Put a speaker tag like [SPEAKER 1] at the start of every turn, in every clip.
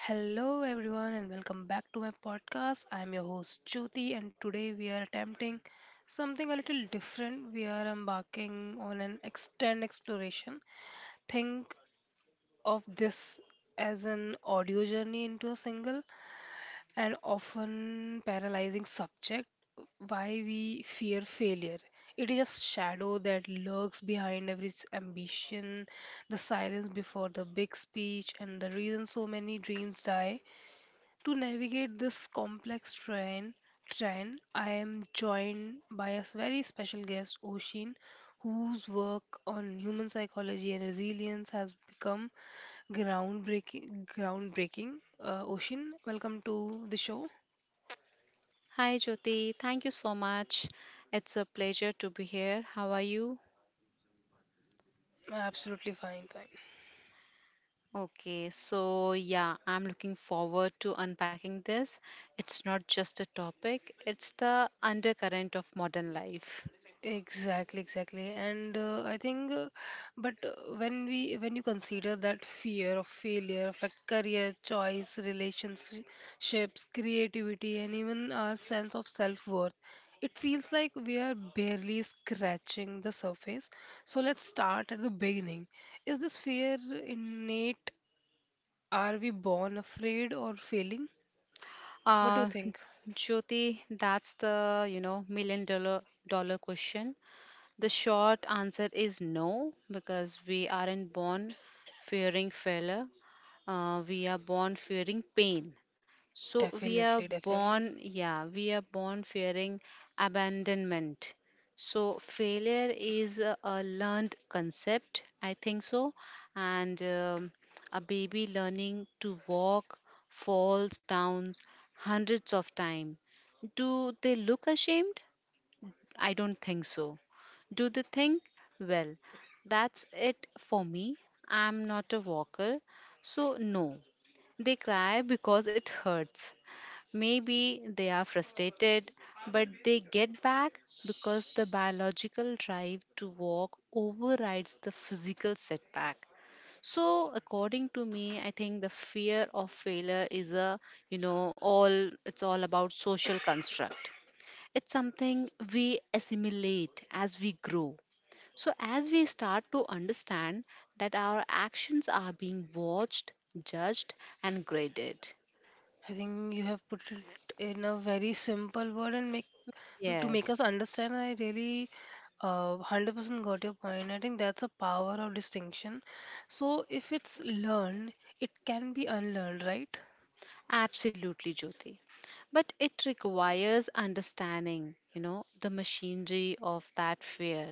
[SPEAKER 1] Hello, everyone, and welcome back to my podcast. I'm your host, Jyoti, and today we are attempting something a little different. We are embarking on an extend exploration. Think of this as an audio journey into a single and often paralyzing subject why we fear failure. It is a shadow that lurks behind every ambition, the silence before the big speech, and the reason so many dreams die to navigate this complex trend, I am joined by a very special guest, Oshin, whose work on human psychology and resilience has become groundbreaking. Oshin, welcome to the show.
[SPEAKER 2] Hi, Jyoti. Thank you so much. It's a pleasure to be here. How are you?
[SPEAKER 1] Absolutely fine, fine.
[SPEAKER 2] Okay, so yeah, I'm looking forward to unpacking this. It's not just a topic, it's the undercurrent of modern life.
[SPEAKER 1] Exactly, exactly. And I think, but when we when you consider that fear of failure affect career choice, relationships, creativity, and even our sense of self-worth, it feels like we are barely scratching the surface. So let's start at the beginning. Is this fear innate? Are we born afraid or failing? What do you
[SPEAKER 2] Uh,
[SPEAKER 1] think?
[SPEAKER 2] Jyoti, that's the million dollar question. The short answer is no, because we aren't born fearing failure. We are born fearing pain, so we are
[SPEAKER 1] Definitely,
[SPEAKER 2] born,
[SPEAKER 1] definitely.
[SPEAKER 2] yeah, we are born fearing abandonment. So failure is a learned concept, I think. So and a baby learning to walk falls down hundreds of times. Do they look ashamed? I don't think so. Do they think, well, that's it for me, I'm not a walker, so no? They cry because it hurts. Maybe they are frustrated, but they get back because the biological drive to walk overrides the physical setback. So, according to me, I think the fear of failure is all, it's all about social construct. It's something we assimilate as we grow. So, as we start to understand that our actions are being watched, judged, and graded.
[SPEAKER 1] I think you have put it in a very simple word and make Mm, to make us
[SPEAKER 2] Yes.
[SPEAKER 1] understand I really 100% got your point. I think that's a power of distinction. So if it's learned, it can be unlearned, right?
[SPEAKER 2] Absolutely, Jyoti. But it requires understanding, you know, the machinery of that fear.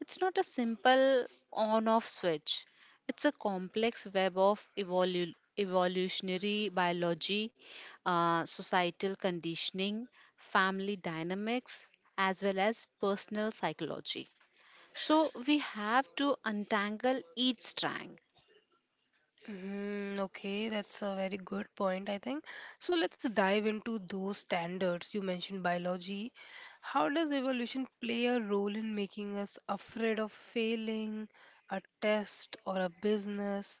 [SPEAKER 2] It's not a simple on off switch, it's a complex web of evolutionary biology, societal conditioning, family dynamics, as well as personal psychology. So we have to untangle each strand.
[SPEAKER 1] Mm, okay, that's a very good point, I think. So let's dive into those standards. You mentioned biology. How does evolution play a role in making us afraid of failing a test or a business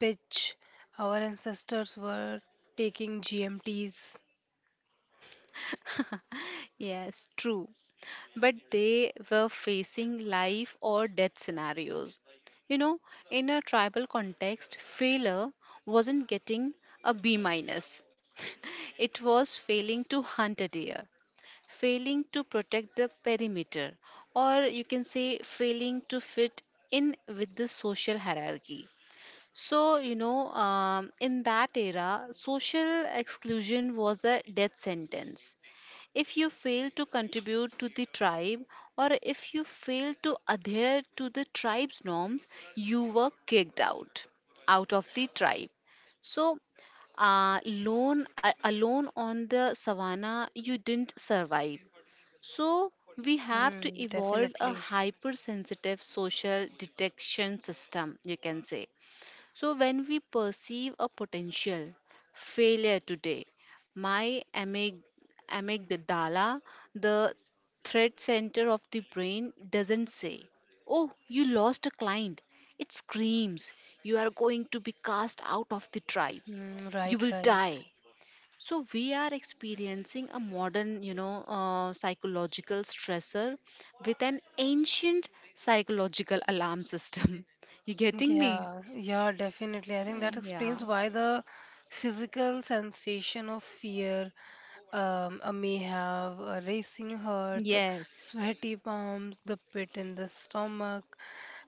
[SPEAKER 1] pitch? Our ancestors were taking GMTs.
[SPEAKER 2] Yes, true. But they were facing life or death scenarios. You know, in a tribal context, failure wasn't getting a B minus. It was failing to hunt a deer, failing to protect the perimeter, or you can say failing to fit in with the social hierarchy. So, you know, in that era, social exclusion was a death sentence. If you fail to contribute to the tribe or if you fail to adhere to the tribe's norms, you were kicked out of the tribe. So, alone on the savannah, you didn't survive. So, we have to
[SPEAKER 1] Mm,
[SPEAKER 2] evolve a
[SPEAKER 1] definitely.
[SPEAKER 2] hypersensitive social detection system, you can say. So, when we perceive a potential failure today, my amygdala, the threat center of the brain, doesn't say, "Oh, you lost a client." It screams, "You are going to be cast out of the tribe.
[SPEAKER 1] Mm,
[SPEAKER 2] You
[SPEAKER 1] right,
[SPEAKER 2] will
[SPEAKER 1] right.
[SPEAKER 2] die." So, we are experiencing a modern, you know, psychological stressor with an ancient psychological alarm system. You getting me?
[SPEAKER 1] Yeah, yeah, definitely. I
[SPEAKER 2] Uh,
[SPEAKER 1] think that
[SPEAKER 2] Yeah.
[SPEAKER 1] explains why the physical sensation of fear may have a racing heart,
[SPEAKER 2] Yes,
[SPEAKER 1] sweaty palms, the pit in the stomach,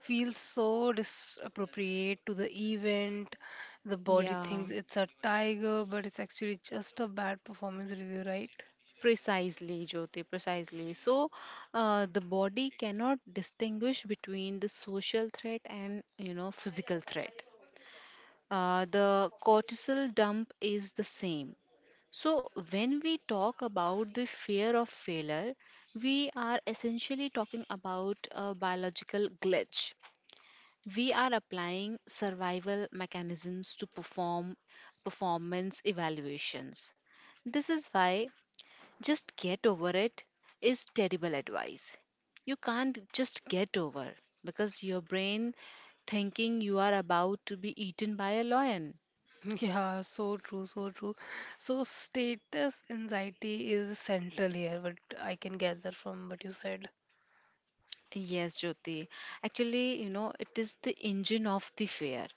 [SPEAKER 1] feels so disappropriate to the event. The body
[SPEAKER 2] yeah,
[SPEAKER 1] thinks it's a tiger, but it's actually just a bad performance review, right?
[SPEAKER 2] precisely, Jyoti, precisely. So, the body cannot distinguish between the social threat and, you know, physical threat. The cortisol dump is the same. So, when we talk about the fear of failure, we are essentially talking about a biological glitch. We are applying survival mechanisms to performance evaluations. This is why "just get over it" is terrible advice. You can't just get over because your brain thinking you are about to be eaten by a lion.
[SPEAKER 1] Yeah, so true, so true. So status anxiety is central here, what I can gather from what you said.
[SPEAKER 2] Yes, Jyoti. Actually, you know, it is the engine of the fear.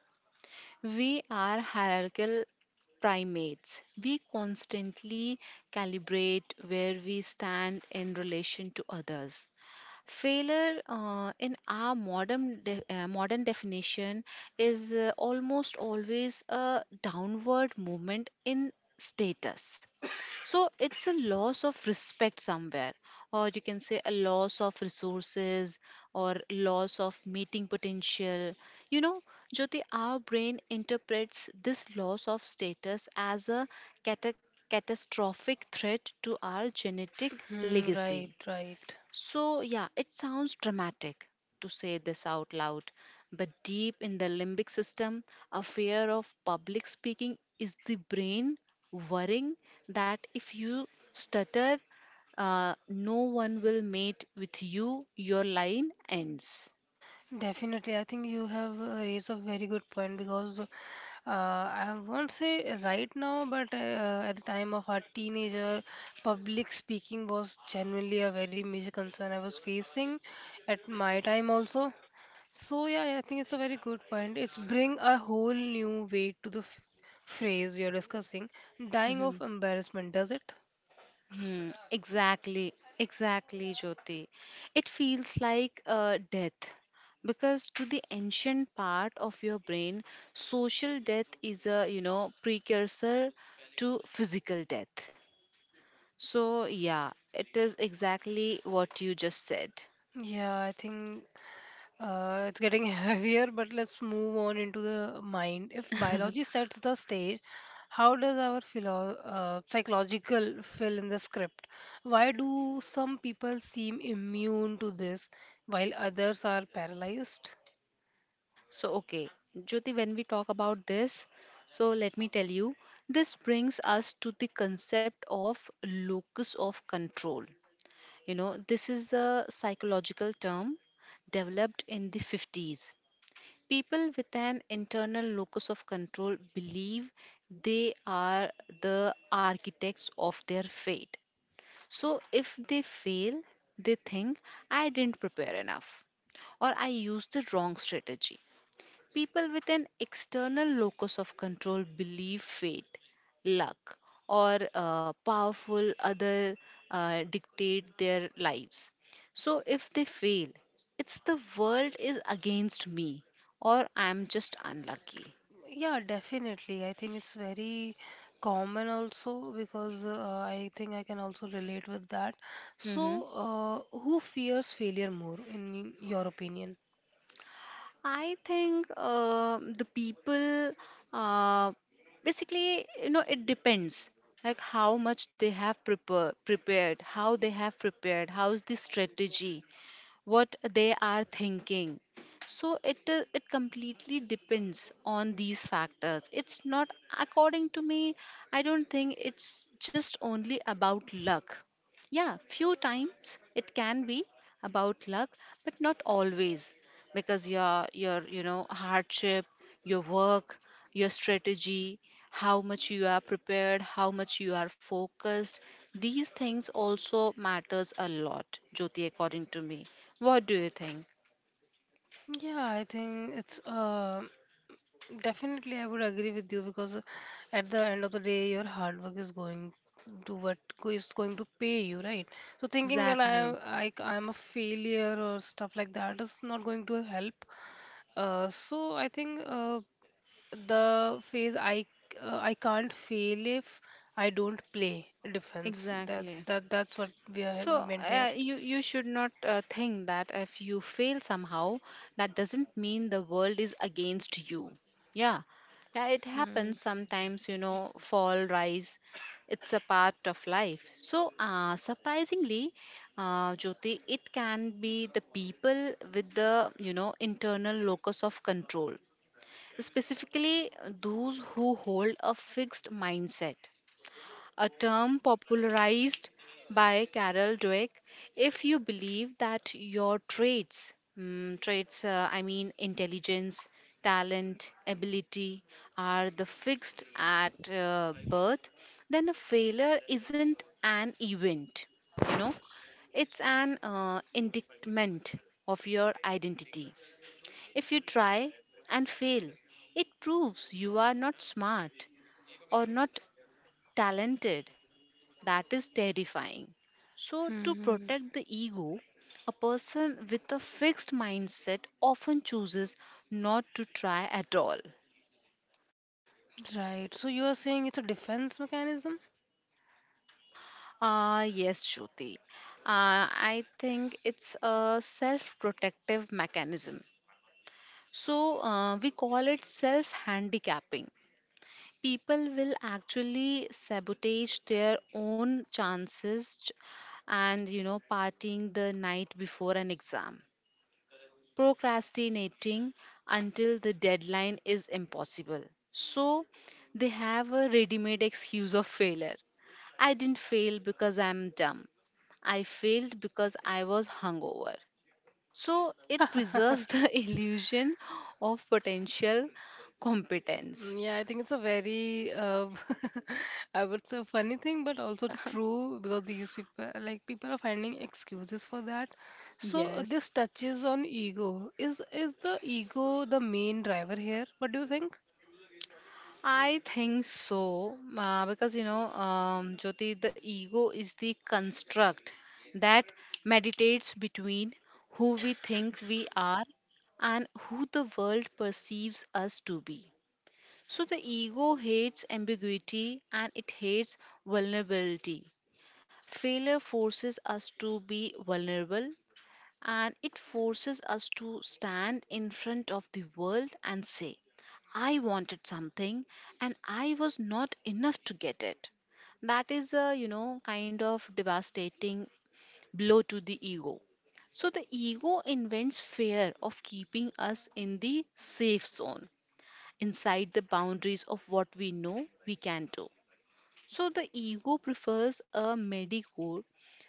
[SPEAKER 2] We are hierarchical primates. We constantly calibrate where we stand in relation to others. Failure, in our modern de- modern definition, is almost always a downward movement in status. So it's a loss of respect somewhere, or you can say a loss of resources, or loss of meeting potential, you know. Jyoti, our brain interprets this loss of status as a cata- catastrophic threat to our genetic
[SPEAKER 1] Hmm, right,
[SPEAKER 2] legacy.
[SPEAKER 1] right.
[SPEAKER 2] So, yeah, it sounds dramatic to say this out loud, but deep in the limbic system, a fear of public speaking is the brain worrying that if you stutter, no one will mate with you, your line ends.
[SPEAKER 1] Definitely, I think you have raised a very good point because I won't say right now, but at the time of our teenager, public speaking was genuinely a very major concern I was facing at my time also. So yeah, I think it's a very good point. It's bring a whole new weight to the phrase you're discussing. Dying of embarrassment, does it?
[SPEAKER 2] Hmm, exactly, exactly, Jyoti. It feels like death because to the ancient part of your brain, social death is a, you know, precursor to physical death. So yeah, it is exactly what you just said.
[SPEAKER 1] Yeah, I think it's getting heavier, but let's move on into the mind. If biology sets the stage, how does our psychological fill in the script? Why do some people seem immune to this while others are paralyzed?
[SPEAKER 2] So okay, Jyoti, when we talk about this, so let me tell you, this brings us to the concept of locus of control. You know, this is a psychological term developed in the 50s. People with an internal locus of control believe they are the architects of their fate. So if they fail, they think, "I didn't prepare enough" or "I used the wrong strategy." People with an external locus of control believe fate, luck, or powerful other dictate their lives. So if they fail, it's "the world is against me," or "I'm just unlucky."
[SPEAKER 1] Yeah, definitely. I think it's very common also, because I think I can also relate with that.
[SPEAKER 2] Mhm.
[SPEAKER 1] So, who fears failure more, in your opinion?
[SPEAKER 2] I think the people, uh, basically, you know, it depends like how much they have prepared, how they have prepared, how's the strategy, what they are thinking. So it completely depends on these factors. It's not, according to me, I don't think it's just only about luck. Yeah, few times it can be about luck, but not always, because your, you know, hardship, your work, your strategy, how much you are prepared, how much you are focused, these things also matters a lot, Jyoti, according to me. What do you think?
[SPEAKER 1] Yeah, I think it's definitely I would agree with you because at the end of the day, your hard work is going to what is going to pay you, right? So thinking that I
[SPEAKER 2] Exactly.
[SPEAKER 1] I I'm a failure or stuff like that is not going to help. So I think the phase I can't fail if I don't play defense. that's
[SPEAKER 2] Exactly.
[SPEAKER 1] that that's what we are
[SPEAKER 2] So
[SPEAKER 1] meant here.
[SPEAKER 2] you should not think that if you fail somehow, that doesn't mean the world is against you. Yeah, yeah, it
[SPEAKER 1] Hmm.
[SPEAKER 2] happens sometimes. You know, fall, rise. It's a part of life. So surprisingly, Jyoti, it can be the people with the, you know, internal locus of control, specifically those who hold a fixed mindset, a term popularized by Carol Dweck. If you believe that your traits, mm, traits, I mean intelligence, talent, ability, are the fixed at birth, then a failure isn't an event. You know, it's an indictment of your identity. If you try and fail, it proves you are not smart or not talented. That is terrifying. So, to
[SPEAKER 1] Hmm.
[SPEAKER 2] protect the ego, a person with a fixed mindset often chooses not to try at all.
[SPEAKER 1] Right, so you are saying it's a defense mechanism.
[SPEAKER 2] Ah, yes, Shruti. Uh, I think it's a self protective mechanism. So, we call it self handicapping. People will actually sabotage their own chances, and, you know, partying the night before an exam, procrastinating until the deadline is impossible. So they have a ready made excuse of failure. "I didn't fail because I'm dumb. I failed because I was hungover." So it preserves the illusion of potential competence.
[SPEAKER 1] Mm, yeah, I think it's a very I would say funny thing but also true, because these people, like, people are finding excuses for that. So
[SPEAKER 2] Yes.
[SPEAKER 1] this touches on ego. Is the ego the main driver here? What do you think?
[SPEAKER 2] I think so, because you know, Jyoti, the ego is the construct that meditates between who we think we are and who the world perceives us to be. So the ego hates ambiguity and it hates vulnerability. Failure forces us to be vulnerable and it forces us to stand in front of the world and say, "I wanted something and I was not enough to get it." That is a, you know, kind of devastating blow to the ego. So the ego invents fear of keeping us in the safe zone, inside the boundaries of what we know we can do. So the ego prefers a medical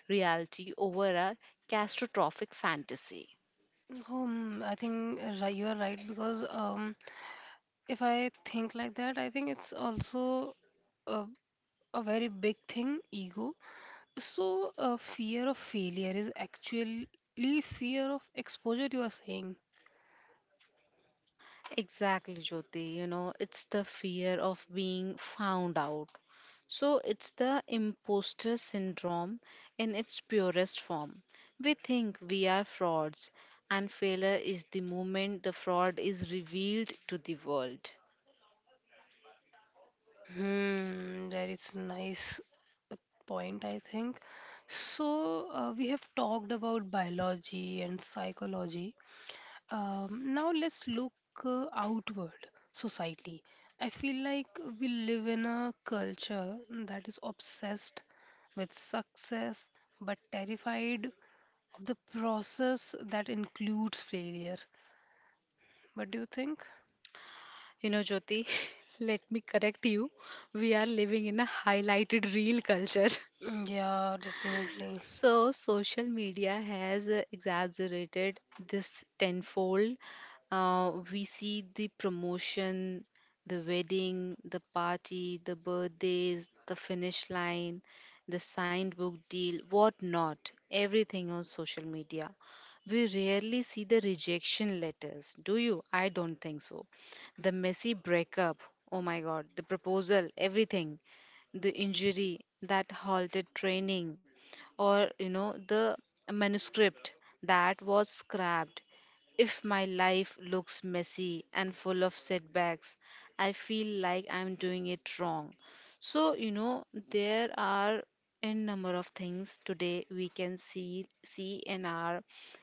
[SPEAKER 2] reality over a catastrophic fantasy.
[SPEAKER 1] Hmm, I think you are right, because if I think like that, I think it's also a, a very big thing ego. So, fear of failure is actually fear of exposure, you are saying.
[SPEAKER 2] Exactly, Jyoti. You know, it's the fear of being found out. So it's the imposter syndrome in its purest form. We think we are frauds, and failure is the moment the fraud is revealed to the world.
[SPEAKER 1] Hmm, that is nice point, I think. So, we have talked about biology and psychology. Now let's look outward society. I feel like we live in a culture that is obsessed with success but terrified of the process that includes failure. What do you think?
[SPEAKER 2] You know, Jyoti, let me correct you. We are living in a highlighted real culture.
[SPEAKER 1] Mm, yeah, definitely.
[SPEAKER 2] So, social media has exaggerated this tenfold. We see the promotion, the wedding, the party, the birthdays, the finish line, the signed book deal, what not, everything on social media. We rarely see the rejection letters, do you? I don't think so. The messy breakup, oh my god, the proposal, everything, the injury that halted training, or, you know, the manuscript that was scrapped. If my life looks messy and full of setbacks, I feel like I'm doing it wrong. So, you know, there are in number of things today we can see in our,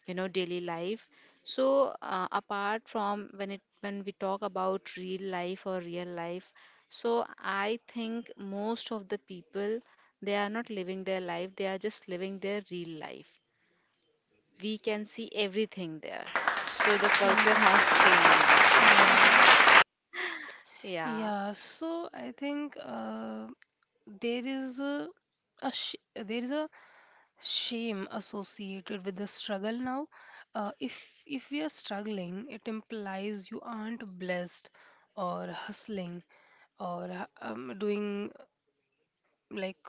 [SPEAKER 2] you know, daily life. So apart from when it when we talk about real life or real life, so I think most of the people, they are not living their life, they are just living their real life. We can see everything there. So the culture has
[SPEAKER 1] Mm,
[SPEAKER 2] changed.
[SPEAKER 1] yeah.
[SPEAKER 2] Yeah.
[SPEAKER 1] Yeah, so I think there is a sh- there is a shame associated with the struggle now. If we are struggling, it implies you aren't blessed or hustling or doing like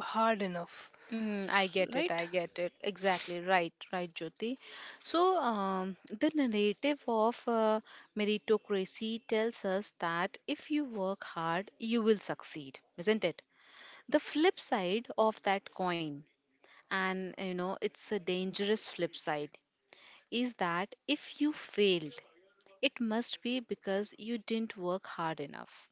[SPEAKER 1] hard enough.
[SPEAKER 2] Mm, I get it.
[SPEAKER 1] Right.
[SPEAKER 2] I get it. Exactly. Right. Right, Jyoti. So, the narrative of meritocracy tells us that if you work hard, you will succeed, isn't it? The flip side of that coin, and you know, it's a dangerous flip side, is that if you failed, it must be because you didn't work hard enough.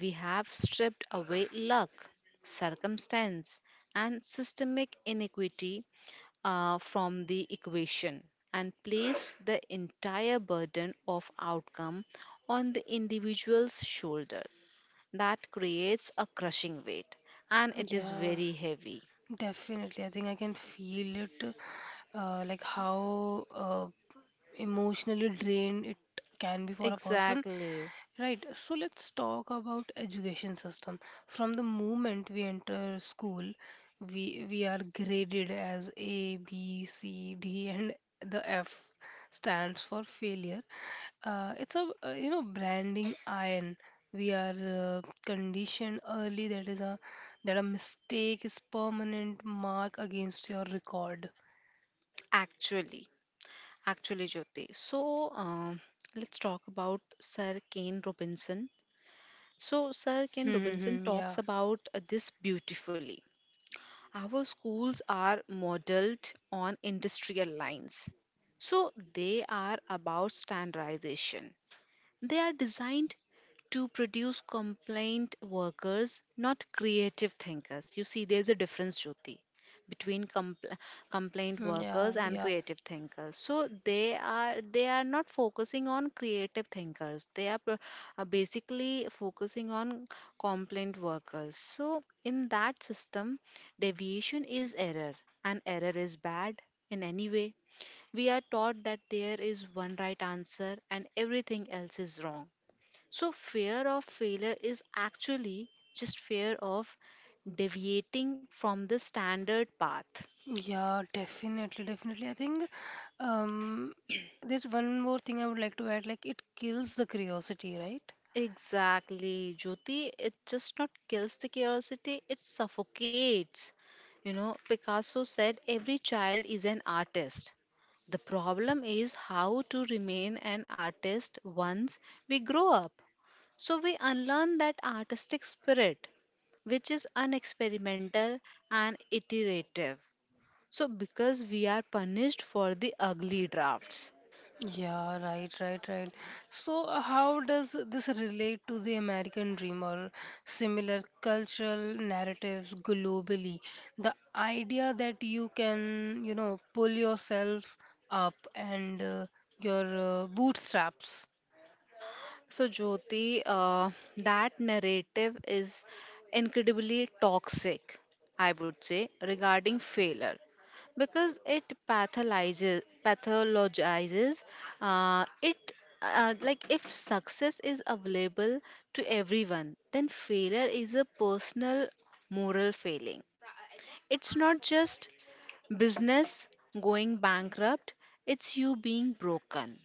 [SPEAKER 2] We have stripped away luck, circumstance, and systemic inequity from the equation and place the entire burden of outcome on the individual's shoulder. That creates a crushing weight and it is
[SPEAKER 1] Yeah,
[SPEAKER 2] very heavy.
[SPEAKER 1] definitely. I think I can feel it, like how emotionally drained it can be for a person,
[SPEAKER 2] Exactly.
[SPEAKER 1] right? So let's talk about education system. From the moment we enter school, we are graded as a, b, c, d and the f stands for failure. It's a, you know, branding iron. We are conditioned early that is a that a mistake is permanent mark against your record.
[SPEAKER 2] Actually, actually, Jyoti. So, let's talk about Sir Kane Robinson. So, Sir Kane Robinson
[SPEAKER 1] Mm-hmm,
[SPEAKER 2] talks
[SPEAKER 1] yeah.
[SPEAKER 2] about this beautifully. Our schools are modeled on industrial lines. So they are about standardization. They are designed to produce complaint workers, not creative thinkers. You see, there's a difference, Jyoti, between complaint
[SPEAKER 1] Yeah,
[SPEAKER 2] workers and
[SPEAKER 1] yeah.
[SPEAKER 2] creative thinkers. So they are not focusing on creative thinkers. They are basically focusing on complaint workers. So in that system, deviation is error, and error is bad in any way we are taught that there is one right answer and everything else is wrong. So, fear of failure is actually just fear of deviating from the standard path.
[SPEAKER 1] Yeah, definitely, definitely. I think um, there's one more thing I would like to add. Like, it kills the curiosity, right?
[SPEAKER 2] Exactly, Jyoti. It just not kills the curiosity, it suffocates. You know, Picasso said every child is an artist. The problem is how to remain an artist once we grow up. So we unlearn that artistic spirit, which is unexperimental and iterative. So because we are punished for the ugly drafts.
[SPEAKER 1] Yeah, right, right, right. So, how does this relate to the American dream or similar cultural narratives globally? The idea that you can, you know, pull yourself up and your bootstraps.
[SPEAKER 2] So, Jyoti, that narrative is incredibly toxic, I would say, regarding failure because it pathologizes, pathologizes it like if success is available to everyone, then failure is a personal moral failing. It's not just business going bankrupt, it's you being broken.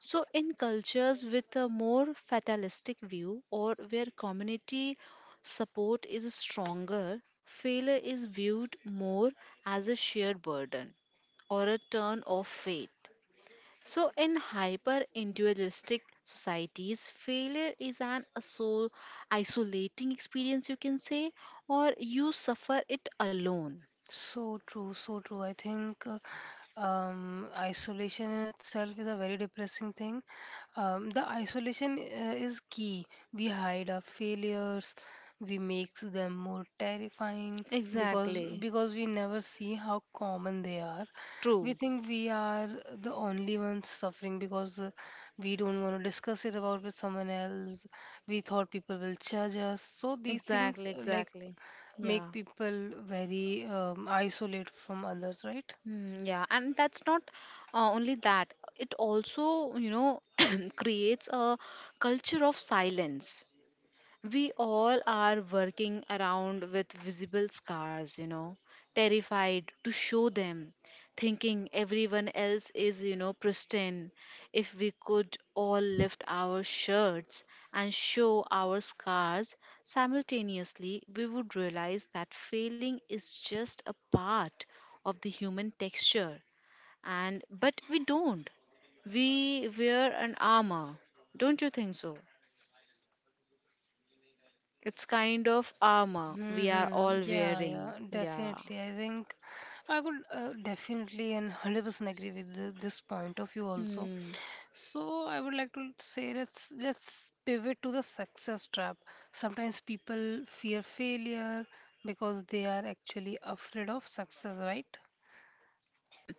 [SPEAKER 2] So, in cultures with a more fatalistic view or where community support is stronger, failure is viewed more as a shared burden or a turn of fate. So, in hyper individualistic societies, failure is an isolating experience, you can say, or you suffer it alone.
[SPEAKER 1] So true, so true. I think isolation in itself is a very depressing thing. The isolation is key. We hide our failures, we make them more terrifying because
[SPEAKER 2] Exactly.
[SPEAKER 1] because we never see how common they are. We
[SPEAKER 2] True.
[SPEAKER 1] think we are the only ones suffering because we don't want to discuss it about with someone else. We thought people will judge us. So these things,
[SPEAKER 2] Exactly,
[SPEAKER 1] like,
[SPEAKER 2] exactly.
[SPEAKER 1] make
[SPEAKER 2] Yeah.
[SPEAKER 1] people very isolate from others, right?
[SPEAKER 2] Mm, yeah, and that's not only that. It also, you know, creates a culture of silence. We all are working around with visible scars, you know, terrified to show them, thinking everyone else is, you know, pristine. If we could all lift our shirts and show our scars simultaneously, we would realize that failing is just a part of the human texture. And but we don't. We wear an armor. Don't you think so? It's kind of armor we are
[SPEAKER 1] Hmm.
[SPEAKER 2] all
[SPEAKER 1] Yeah,
[SPEAKER 2] wearing.
[SPEAKER 1] yeah,
[SPEAKER 2] Yeah.
[SPEAKER 1] definitely. I think I would definitely and 100% agree with the, this point of view also.
[SPEAKER 2] Hmm.
[SPEAKER 1] So I would like to say let's pivot to the success trap. Sometimes people fear failure because they are actually afraid of success, right?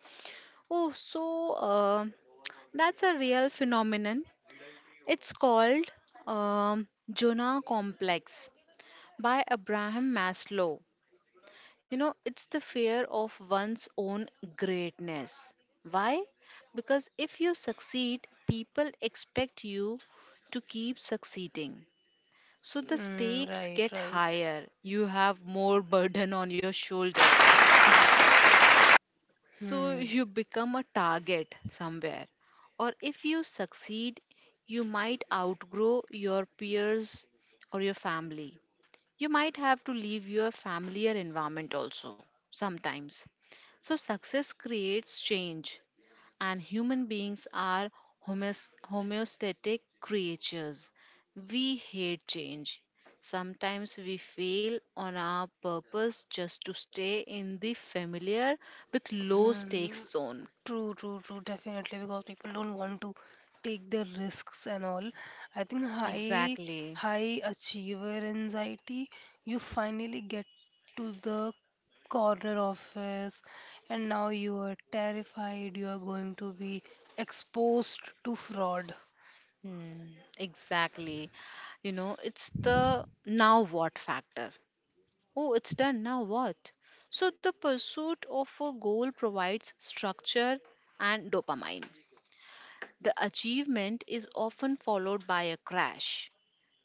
[SPEAKER 2] Oh, so that's a real phenomenon. It's called um, Jonah complex by Abraham Maslow. You know, it's the fear of one's own greatness. Why? Because if you succeed, people expect you to keep succeeding. So the
[SPEAKER 1] Mm,
[SPEAKER 2] stakes
[SPEAKER 1] right,
[SPEAKER 2] get
[SPEAKER 1] right.
[SPEAKER 2] higher. You have more burden on your shoulder. Mhm. So
[SPEAKER 1] Hmm.
[SPEAKER 2] you become a target somewhere. Or if you succeed, you might outgrow your peers or your family. You might have to leave your familiar environment also sometimes. So success creates change and human beings are homeostatic creatures. We hate change. Sometimes we fail on our purpose just to stay in the familiar with low
[SPEAKER 1] Hmm.
[SPEAKER 2] stakes zone.
[SPEAKER 1] True, true, true, definitely, because people don't want to take the risks and all. I think high
[SPEAKER 2] Exactly.
[SPEAKER 1] high achiever anxiety, you finally get to the corner office and now you are terrified you are going to be exposed to fraud.
[SPEAKER 2] Hmm, exactly. You know, it's the now what factor. Oh, it's done, now what? So, the pursuit of a goal provides structure and dopamine. The achievement is often followed by a crash.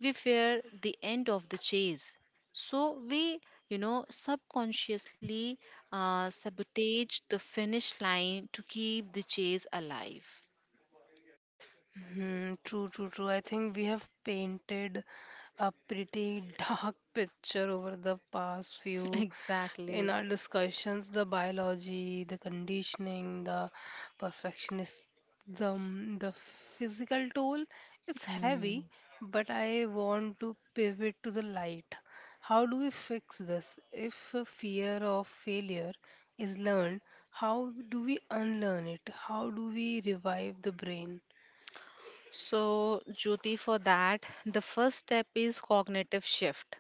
[SPEAKER 2] We fear the end of the chase. So we, you know, subconsciously sabotage the finish line to keep the chase alive.
[SPEAKER 1] Hmm, true, true, true. I think we have painted a pretty dark picture over the past few in
[SPEAKER 2] Exactly.
[SPEAKER 1] our discussions the biology, the conditioning, the perfectionism, the physical toll. It's heavy,
[SPEAKER 2] Mm.
[SPEAKER 1] but I want to pivot to the light. How do we fix this? If a fear of failure is learned, how do we unlearn it? How do we revive the brain?
[SPEAKER 2] So, Jyoti, for that, the first step is cognitive shift.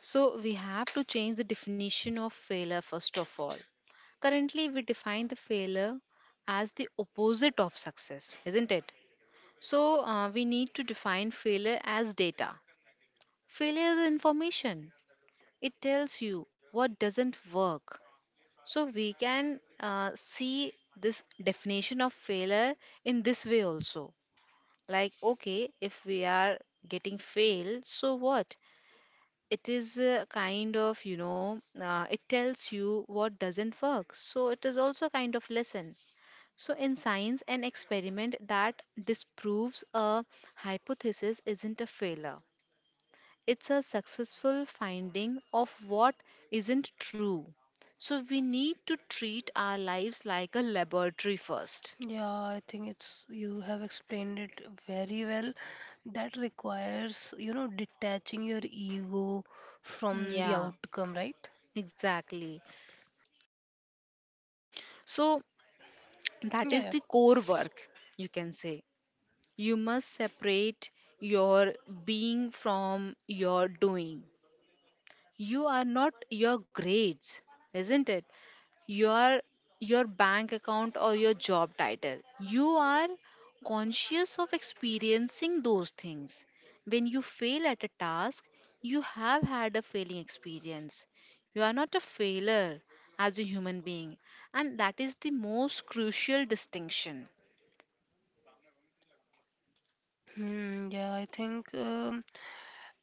[SPEAKER 2] So, we have to change the definition of failure first of all. Currently, we define the failure as the opposite of success, isn't it? So, we need to define failure as data. Failure is information, it tells you what doesn't work. So, we can see this definition of failure in this way also. Like, okay, if we are getting fail, so what? It is a kind of, you know, it tells you what doesn't work. So, it is also kind of lesson. So, in science, an experiment that disproves a hypothesis isn't a failure, it's a successful finding of what isn't true. So, we need to treat our lives like a laboratory first.
[SPEAKER 1] Yeah, I think it's you have explained it very well. That requires, you know, detaching your ego from the
[SPEAKER 2] Yeah,
[SPEAKER 1] outcome, right?
[SPEAKER 2] exactly. So, that
[SPEAKER 1] Yeah,
[SPEAKER 2] is
[SPEAKER 1] yeah.
[SPEAKER 2] the core work, you can say. You must separate your being from your doing. You are not your grades, isn't it, your your bank account or your job title. You are conscious of experiencing those things. When you fail at a task you have had a failing experience. You are not a failure as a human being, and that is the most crucial distinction.
[SPEAKER 1] Hmm, yeah, I think um,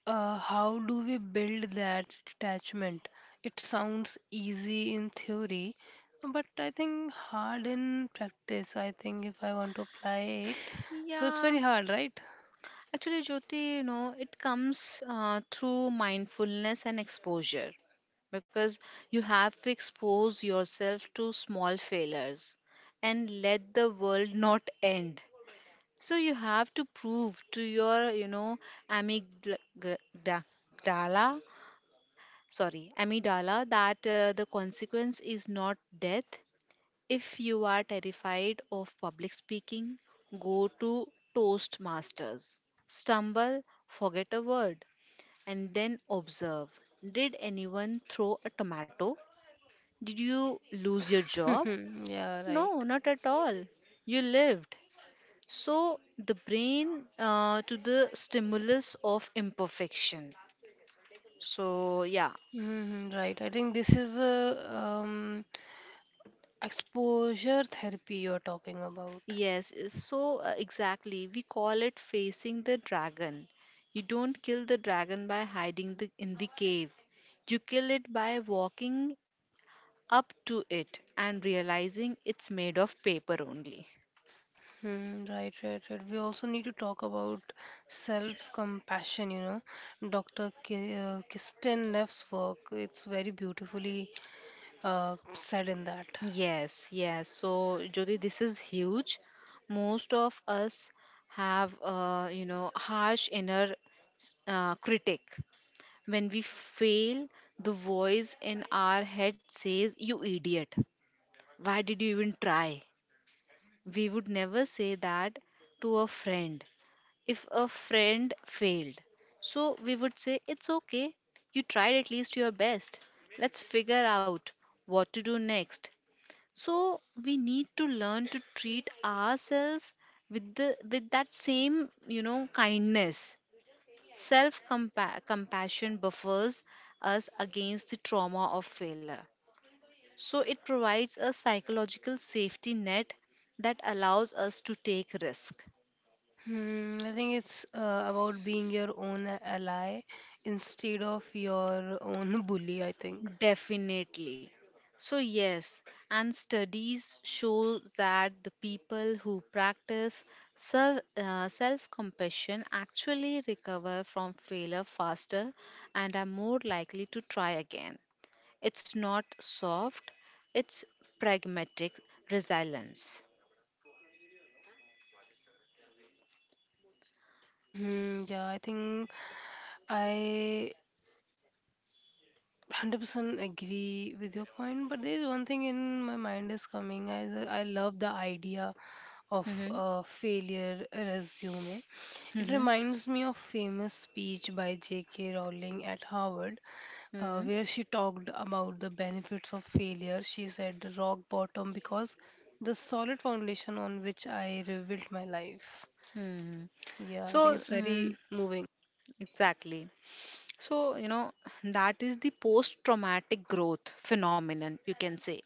[SPEAKER 1] uh, how do we build that detachment? It sounds easy in theory, but I think hard in practice. I think if I want to apply it, so it's
[SPEAKER 2] Yeah,
[SPEAKER 1] very hard, right?
[SPEAKER 2] actually Jyoti, you know, it comes through mindfulness and exposure because you have to expose yourself to small failures and let the world not end. So you have to prove to your, you know, amygdala, sorry amygdala, that the consequence is not death. If you are terrified of public speaking, go to Toastmasters, stumble, forget a word, and then observe. Did anyone throw a tomato? Did you lose your job?
[SPEAKER 1] Yeah, right.
[SPEAKER 2] No, not at all. You lived. So the brain to the stimulus of imperfection. So, yeah.
[SPEAKER 1] Hmm, right. I think this is a um, exposure therapy, you're talking about.
[SPEAKER 2] Exactly. We call it facing the dragon. You don't kill the dragon by hiding the, in the cave, you kill it by walking up to it and realizing it's made of paper only.
[SPEAKER 1] Hmm, right, right, right. We also need to talk about self compassion, you know. Dr. Kirsten Neff's work, it's very beautifully said in that.
[SPEAKER 2] Yes, yes. So, Jyoti, this is huge. Most of us have, you know, harsh inner critic. When we fail, the voice in our head says, "You idiot! Why did you even try?" We would never say that to a friend. If a friend failed, so we would say, "It's okay. You tried at least your best. Let's figure out what to do next." So we need to learn to treat ourselves with the with that same, you know, kindness. Self compassion buffers us against the trauma of failure. So it provides a psychological safety net that allows us to take risk.
[SPEAKER 1] Hmm, I think it's about being your own ally instead of your own bully, I think.
[SPEAKER 2] Definitely. So, yes, and studies show that the people who practice self compassion actually recover from failure faster and are more likely to try again. It's not soft, it's pragmatic resilience.
[SPEAKER 1] Hmm, yeah, I think I 100% agree with your point, but there is one thing in my mind is coming. I love the idea of
[SPEAKER 2] Hmm.
[SPEAKER 1] a failure resume. It
[SPEAKER 2] Hmm.
[SPEAKER 1] reminds me of famous speech by JK Rowling at Harvard,
[SPEAKER 2] Hmm.
[SPEAKER 1] where she talked about the benefits of failure. She said, "The rock bottom because the solid foundation on which I rebuilt my life."
[SPEAKER 2] Hmm.
[SPEAKER 1] Yeah, I think
[SPEAKER 2] So,
[SPEAKER 1] it's very moving.
[SPEAKER 2] exactly. So, you know, that is the post traumatic growth phenomenon, you can say.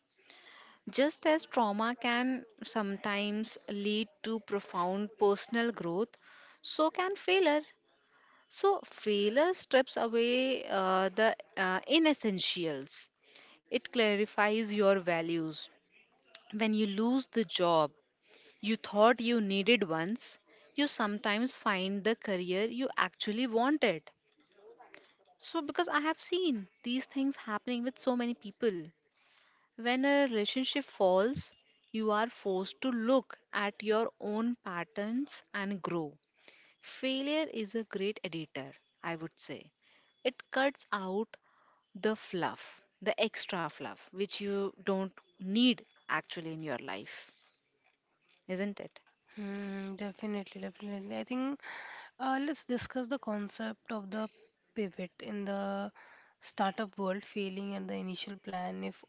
[SPEAKER 2] Just as trauma can sometimes lead to profound personal growth, so can failure. So, failure strips away the inessentials. It clarifies your values. When you lose the job you thought you needed once, you sometimes find the career you actually wanted. So, because I have seen these things happening with so many people. When a relationship falls, you are forced to look at your own patterns and grow. Failure is a great editor, I would say. It cuts out the fluff, the extra fluff, which you don't need actually in your life, isn't it?
[SPEAKER 1] Hmm, definitely, definitely. I think let's discuss the concept of the pivot in the startup world. Failing at the initial plan if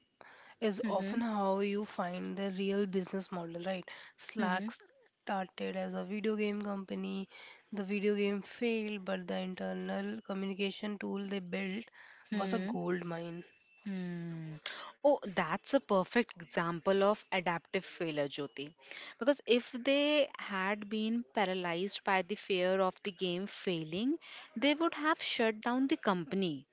[SPEAKER 1] is
[SPEAKER 2] Mm-hmm.
[SPEAKER 1] often how you find the real business model, right? Slack started as a video game company. The video game failed, but the internal communication tool they built was a
[SPEAKER 2] Mm-hmm.
[SPEAKER 1] gold mine.
[SPEAKER 2] Hmm. Oh, that's a perfect example of adaptive failure, Jyoti. Because if they had been paralyzed by the fear of the game failing, they would have shut down the company.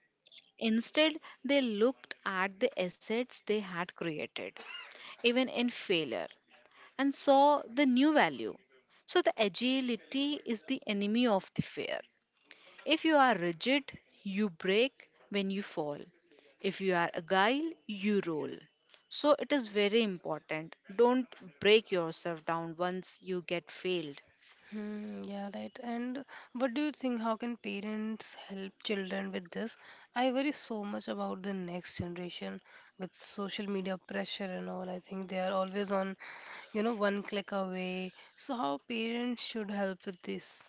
[SPEAKER 2] Instead, they looked at the assets they had created, even in failure, and saw the new value. So, the agility is the enemy of the fear. If you are rigid, you break when you fall. If you are agile, you roll. So it is very important. Don't break yourself down once you get failed.
[SPEAKER 1] Hmm, yeah, right. And what do you think? How can parents help children with this? I worry so much about the next generation with social media pressure and all. I think they are always on, you know, one click away. So, how parents should help with this?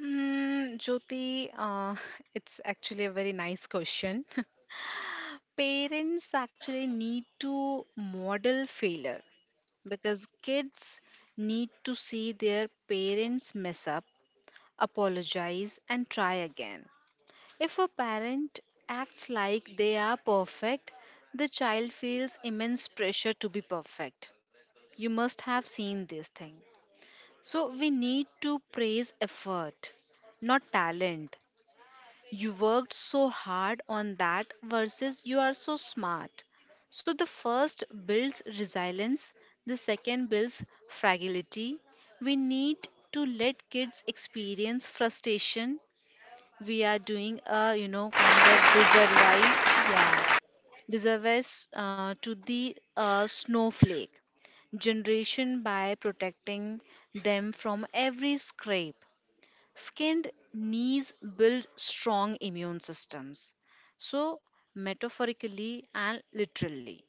[SPEAKER 2] Mm, Jyoti, it's actually a very nice question. Parents actually need to model failure because kids need to see their parents mess up, apologize, and try again. If a parent acts like they are perfect, the child feels immense pressure to be perfect. You must have seen this thing. So, we need to praise effort, not talent. You worked so hard on that versus you are so smart. So, the first builds resilience, the second builds fragility. We need to let kids experience frustration. We are doing a, you know, kind of disservice, yeah, disservice to the snowflake generation by protecting them from every scrape. Skinned knees build strong immune systems, so metaphorically and literally.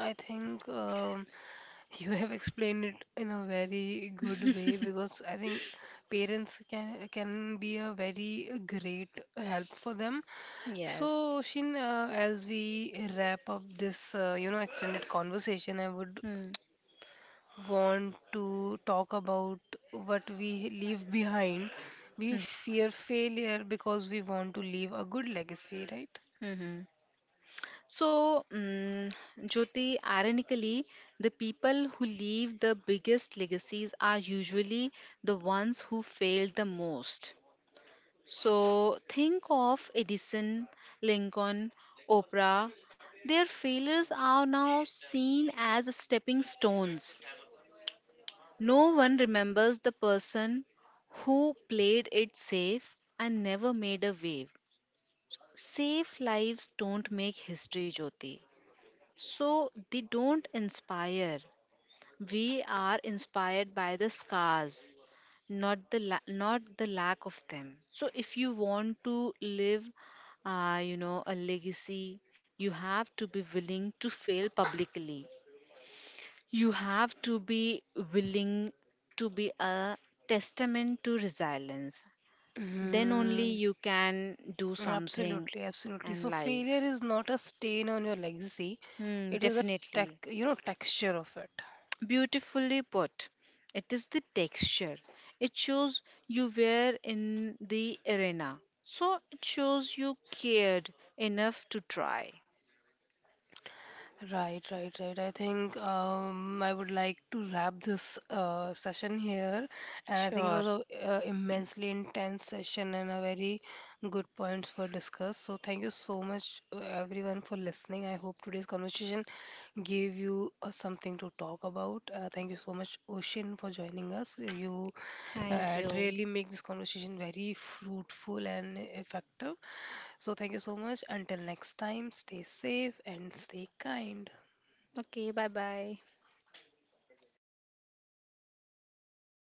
[SPEAKER 1] I think you have explained it in a very good way, because I think parents can be a very great help for them.
[SPEAKER 2] Yes.
[SPEAKER 1] So, Shin, as we wrap up this, you know, extended conversation, I would
[SPEAKER 2] Hmm.
[SPEAKER 1] want to talk about what we leave behind. We fear failure because we want to leave a good legacy, right?
[SPEAKER 2] Mm-hmm. So, mm, Jyoti, ironically, the people who leave the biggest legacies are usually the ones who failed the most. So, think of Edison, Lincoln, Oprah. Their failures are now seen as stepping stones. No one remembers the person who played it safe and never made a wave. Safe lives don't make history, Jyoti. So they don't inspire. We are inspired by the scars, not not the lack of them. So if you want to live, you know, a legacy, you have to be willing to fail publicly. You have to be willing to be a testament to resilience. Then only
[SPEAKER 1] Hmm.
[SPEAKER 2] you can do something
[SPEAKER 1] Absolutely, absolutely. So
[SPEAKER 2] in
[SPEAKER 1] failure
[SPEAKER 2] life.
[SPEAKER 1] is not a stain on your legacy.
[SPEAKER 2] Hmm,
[SPEAKER 1] It is a tech,
[SPEAKER 2] definitely.
[SPEAKER 1] you know, texture of it.
[SPEAKER 2] Beautifully put. It is the texture. It shows you were in the arena. So it shows you cared enough to try.
[SPEAKER 1] Right, right, right. I think I would like to wrap this session here, and I think it was
[SPEAKER 2] Sure.
[SPEAKER 1] a immensely intense session and a very good points for discuss. So thank you so much, everyone, for listening. I hope today's conversation gave you something to talk about. Thank you so much, Ocean, for joining us. You
[SPEAKER 2] Thank
[SPEAKER 1] and
[SPEAKER 2] you.
[SPEAKER 1] really make this conversation very fruitful and effective. So, thank you so much. Until next time, stay safe and stay kind.
[SPEAKER 2] Okay, bye bye.